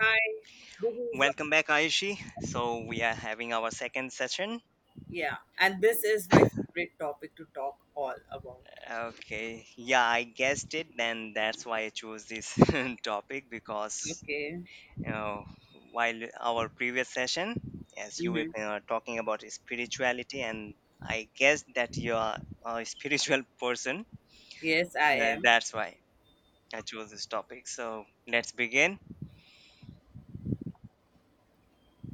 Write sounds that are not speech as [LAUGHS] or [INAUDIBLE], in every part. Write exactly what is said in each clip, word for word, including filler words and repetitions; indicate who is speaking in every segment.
Speaker 1: Hi. This is
Speaker 2: Welcome back, Ayushi. So we are having our second session.
Speaker 1: Yeah, and this is my favorite topic to talk all about.
Speaker 2: Okay, yeah, I guessed it. Then that's why I chose this [LAUGHS] topic because
Speaker 1: Okay.
Speaker 2: you know while our previous session, as you were
Speaker 1: Mm-hmm.
Speaker 2: uh, talking about spirituality, and I guess that you are a [LAUGHS] spiritual person.
Speaker 1: Yes, I
Speaker 2: Uh,
Speaker 1: am.
Speaker 2: that's why I chose this topic. So let's begin.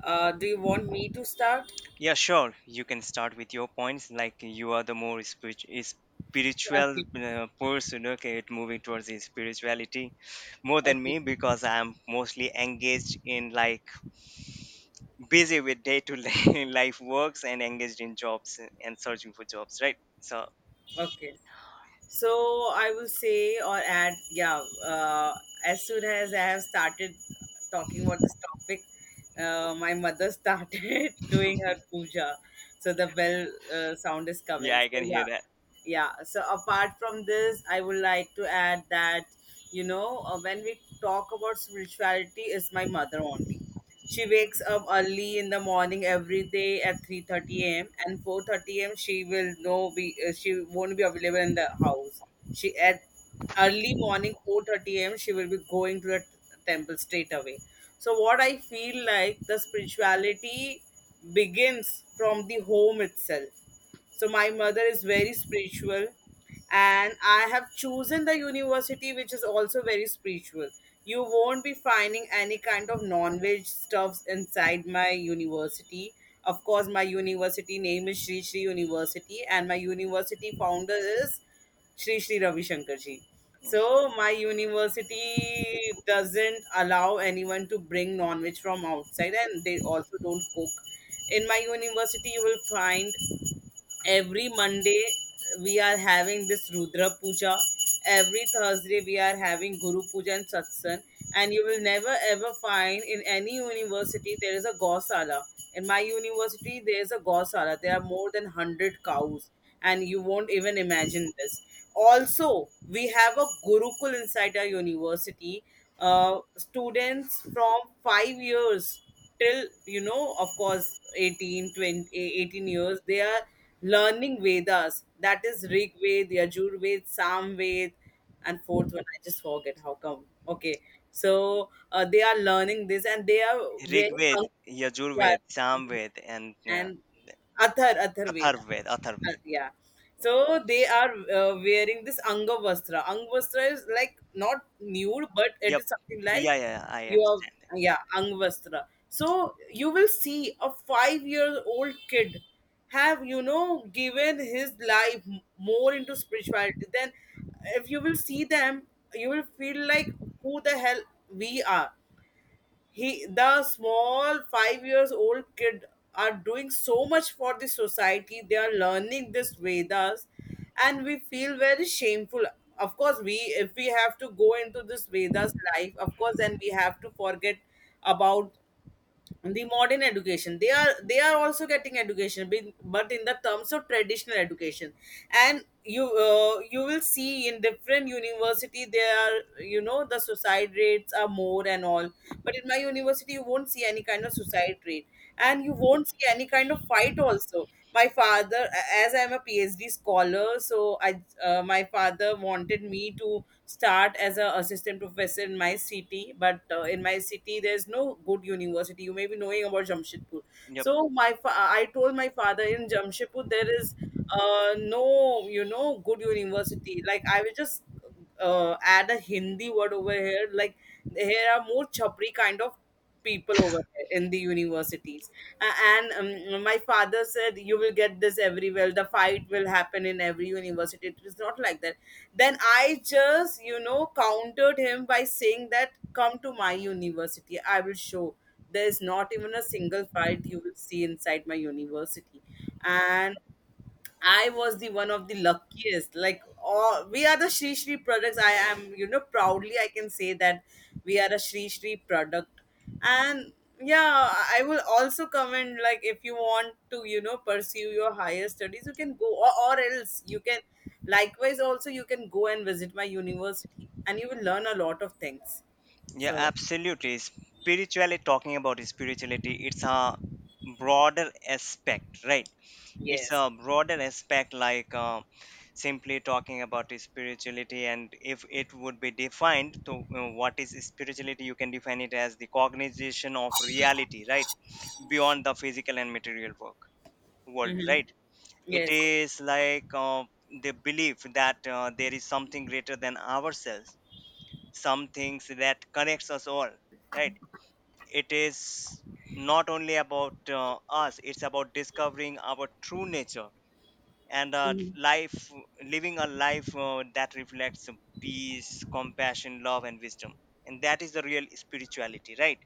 Speaker 1: Uh, do you want me to start?
Speaker 2: Yeah, sure. You can start with your points. Like you are the more spirit- is- spiritual
Speaker 1: Okay.
Speaker 2: uh, person, okay, it moving towards the spirituality more than
Speaker 1: Okay.
Speaker 2: me because I'm mostly engaged in like busy with day to day [LAUGHS] life works and engaged in jobs and searching for jobs, right? So,
Speaker 1: Okay. So I will say or add yeah. Uh, as soon as I have started talking about this topic, uh, my mother started [LAUGHS]
Speaker 2: [LAUGHS]
Speaker 1: doing her puja, so the bell uh, sound is
Speaker 2: yeah,
Speaker 1: coming.
Speaker 2: I
Speaker 1: So
Speaker 2: can hear
Speaker 1: yeah.
Speaker 2: that.
Speaker 1: Yeah, so apart from this I would like to add that you know uh, when we talk about spirituality is my mother only. She wakes up early in the morning every day at three thirty a m and four thirty a m she will no be uh, she won't be available in the house. She at Early morning, four thirty a m, she will be going to the t- temple straight away. So what I feel like, the spirituality begins from the home itself. So my mother is very spiritual, and I have chosen the university which is also very spiritual. You won't be finding any kind of non-veg stuffs inside my university. Of course, my university name is Sri Sri University, and my university founder is Sri Sri Ravi Shankar ji. So my university doesn't allow anyone to bring non-veg from outside, and they also don't cook. In my university, you will find every Monday we are having this Rudra Puja. Every Thursday we are having Guru Puja and Satsang. And you will never ever find in any university there is a Gausala. In my university there is a Gausala. There are more than one hundred cows, and you won't even imagine this. Also, we have a Gurukul inside our university. Uh, students from five years till you know of course eighteen twenty eighteen years they are learning Vedas. That is Rig Ved, Yajur Ved, Sam Ved, and fourth one. I just forget how come. Okay, so uh, they are learning this, and they are very. hung-
Speaker 2: Rigved,
Speaker 1: Yeah,
Speaker 2: Yajurved, Samved, and uh,
Speaker 1: and Athar Atharveda.
Speaker 2: Atharved,
Speaker 1: Uh,
Speaker 2: Atharved.
Speaker 1: yeah.
Speaker 2: Yeah.
Speaker 1: So they are uh, wearing this Anga Vastra. Is like not nude, but it
Speaker 2: Yep.
Speaker 1: is something like
Speaker 2: Yeah, yeah, yeah, I
Speaker 1: you
Speaker 2: understand.
Speaker 1: are, yeah, Anga. So you will see a five year old kid have, you know, given his life m- more into spirituality. Then if you will see them, you will feel like who the hell we are. He the small five years old kid are doing so much for the society. They are learning this vedas, and we feel very shameful. Of course, we, if we have to go into this vedas life, of course, then we have to forget about the modern education. They are they are also getting education, bin- but in the terms of traditional education. And you, uh, you will see in different university there are, you know the suicide rates are more and all, but in my university you won't see any kind of suicide rate, and you won't see any kind of fight also. My father, as I'm a P H D scholar, so I uh, my father wanted me to start as a assistant professor in my city. But uh, in my city there's no good university. You may be knowing about Jamshedpur. So my fa- I told my father in Jamshedpur there is uh, no, you know, good university. Like, I will just uh, add a Hindi word over here. Like, there are more chapri kind of people over here in the universities. Uh, and um, My father said, "You will get this everywhere. The fight will happen in every university. It is not like that." Then I just, you know, countered him by saying that, "Come to my university. I will show." There is not even a single fight you will see inside my university, and I was the one of the luckiest. Like all, we are the Shri Shri products. I am, you know, proudly I can say that we are a Shri Shri product. And yeah, I will also comment, like if you want to, you know, pursue your higher studies, you can go, or, or else you can likewise also you can go and visit my university, and you will learn a lot of things.
Speaker 2: Yeah,
Speaker 1: So
Speaker 2: absolutely. Spiritually talking about spirituality, it's a broader aspect, right? It's
Speaker 1: yes.
Speaker 2: a broader aspect, like uh, simply talking about spirituality, and if it would be defined to uh, what is spirituality, you can define it as the cognization of reality, right? Beyond the physical and material work world,
Speaker 1: Mm-hmm.
Speaker 2: right? It
Speaker 1: Yes.
Speaker 2: is like uh, the belief that uh, there is something greater than ourselves, some things that connects us all, right. It is not only about uh, us, it's about discovering our true nature and uh, life, living a life uh, that reflects peace, compassion, love and wisdom, and that is the real spirituality, right?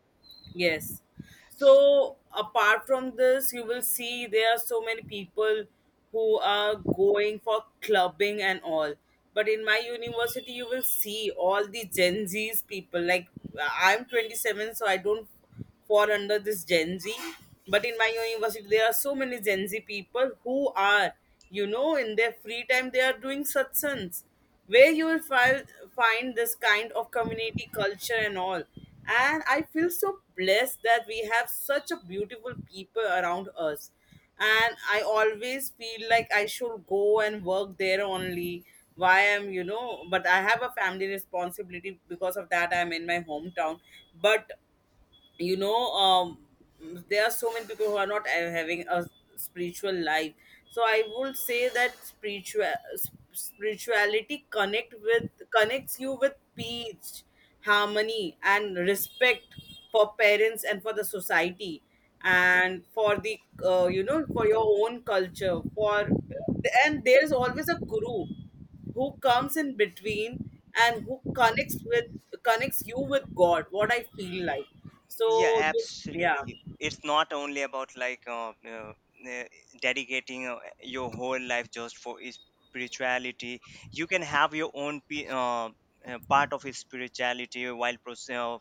Speaker 1: Yes. So apart from this, you will see there are so many people who are going for clubbing and all. But in my university, you will see all the Gen Z's people. Like, I'm twenty-seven, so I don't fall under this Gen Z. But in my university, there are so many Gen Z people who are, you know, in their free time, they are doing satsans, where you will find find this kind of community culture and all. And I feel so blessed that we have such a beautiful people around us. And I always feel like I should go and work there only. Why am you know? But I have a family responsibility because of that. I'm in my hometown, but you know um there are so many people who are not uh, having a spiritual life. So I would say that spiritual s- spirituality connect with connects you with peace, harmony, and respect for parents and for the society, and for the, uh, you know for your own culture, for, and there's always a guru who comes in between and who connects with connects you with god, what I feel like. So
Speaker 2: Yeah,
Speaker 1: this yeah.
Speaker 2: absolutely. It's not only about like uh, uh, uh, dedicating uh, your whole life just for is- spirituality. You can have your own pe- uh, uh, part of his spirituality while proce- uh,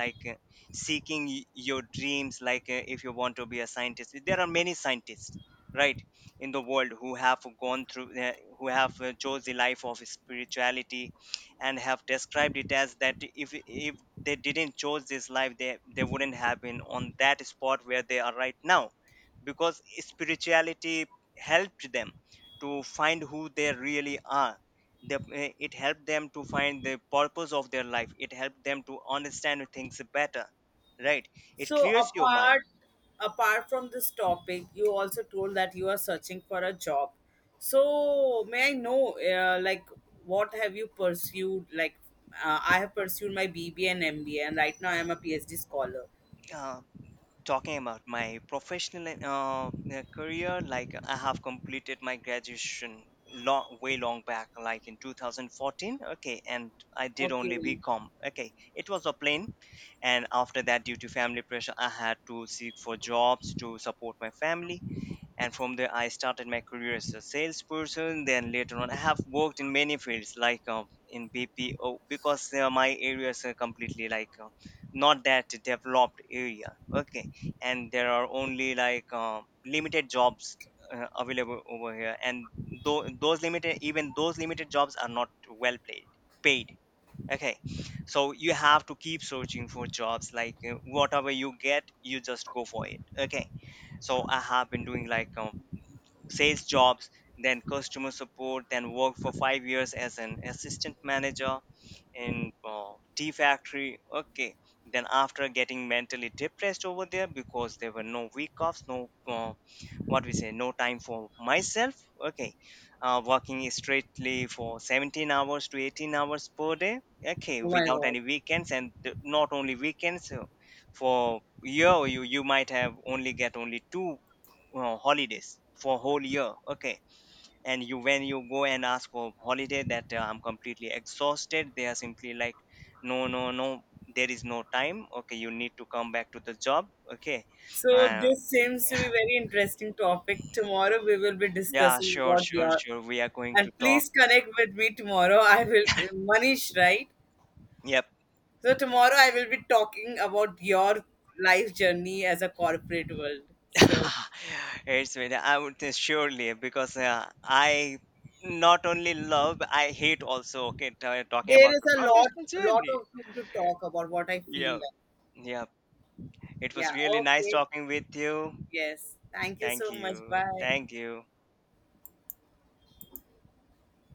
Speaker 2: like uh, seeking y- your dreams. Like uh, if you want to be a scientist, there are many scientists, right, in the world who have gone through uh, who have uh, chose the life of spirituality and have described it as that, if if they didn't chose this life, they they wouldn't have been on that spot where they are right now. Because spirituality helped them to find who they really are, the, eh, it helped them to find the purpose of their life, it helped them to understand things better, right. It
Speaker 1: So
Speaker 2: clears your mind.
Speaker 1: apart apart from this topic, you also told that you are searching for a job. So may I know, uh, like what have you pursued? Like, uh, I have pursued my B B A and M B A, and right now I am a P H D scholar.
Speaker 2: uh, Talking about my professional uh, uh, career, like I have completed my graduation long way long back, like in twenty fourteen. Okay, and I did
Speaker 1: Okay.
Speaker 2: only
Speaker 1: Oh
Speaker 2: bcom, okay, it was a plane. And after that, due to family pressure, I had to seek for jobs to support my family, and from there I started my career as a salesperson. Then later on I have worked in many fields, like uh, in bpo, because uh, my areas are completely like uh, not that developed area, okay, and there are only like uh, limited jobs uh, available over here, and though those limited, even those limited jobs are not well paid paid, okay. So you have to keep searching for jobs, like uh, whatever you get you just go for it, okay. So I have been doing like uh, sales jobs, then customer support, then worked for five years as an assistant manager in uh, tea factory. Okay, then after getting mentally depressed over there, because there were no week offs, no uh, what we say, no time for myself. Okay, uh, working strictly for seventeen hours to eighteen hours per day. Okay,
Speaker 1: my
Speaker 2: without
Speaker 1: god.
Speaker 2: any weekends and th- not only weekends. Uh, for year, you you might have only get only two uh, holidays for whole year, okay. And you, when you go and ask for holiday that uh, I'm completely exhausted, they are simply like, no, no, no, there is no time, okay, you need to come back to the job, okay.
Speaker 1: So
Speaker 2: uh,
Speaker 1: this seems to be very interesting topic. Tomorrow we will be
Speaker 2: yeah,
Speaker 1: discussing
Speaker 2: sure,
Speaker 1: about
Speaker 2: sure,
Speaker 1: your...
Speaker 2: sure, we are going to
Speaker 1: And
Speaker 2: talk.
Speaker 1: please connect with me tomorrow. I will... Manish, right?
Speaker 2: Yep.
Speaker 1: So tomorrow I will be talking about your life journey as a corporate world. So
Speaker 2: [LAUGHS] It's with, I would say surely, because uh, I not only love, I hate also, okay, t- talking
Speaker 1: there
Speaker 2: about
Speaker 1: is
Speaker 2: the
Speaker 1: a lot
Speaker 2: professional
Speaker 1: lot
Speaker 2: journey.
Speaker 1: of thing to talk about what I feel
Speaker 2: Yeah.
Speaker 1: like.
Speaker 2: Yeah, it was
Speaker 1: Yeah,
Speaker 2: really nice
Speaker 1: okay.
Speaker 2: talking with you.
Speaker 1: Yes. Thank you
Speaker 2: Thank
Speaker 1: so much.
Speaker 2: you.
Speaker 1: Bye.
Speaker 2: Thank you.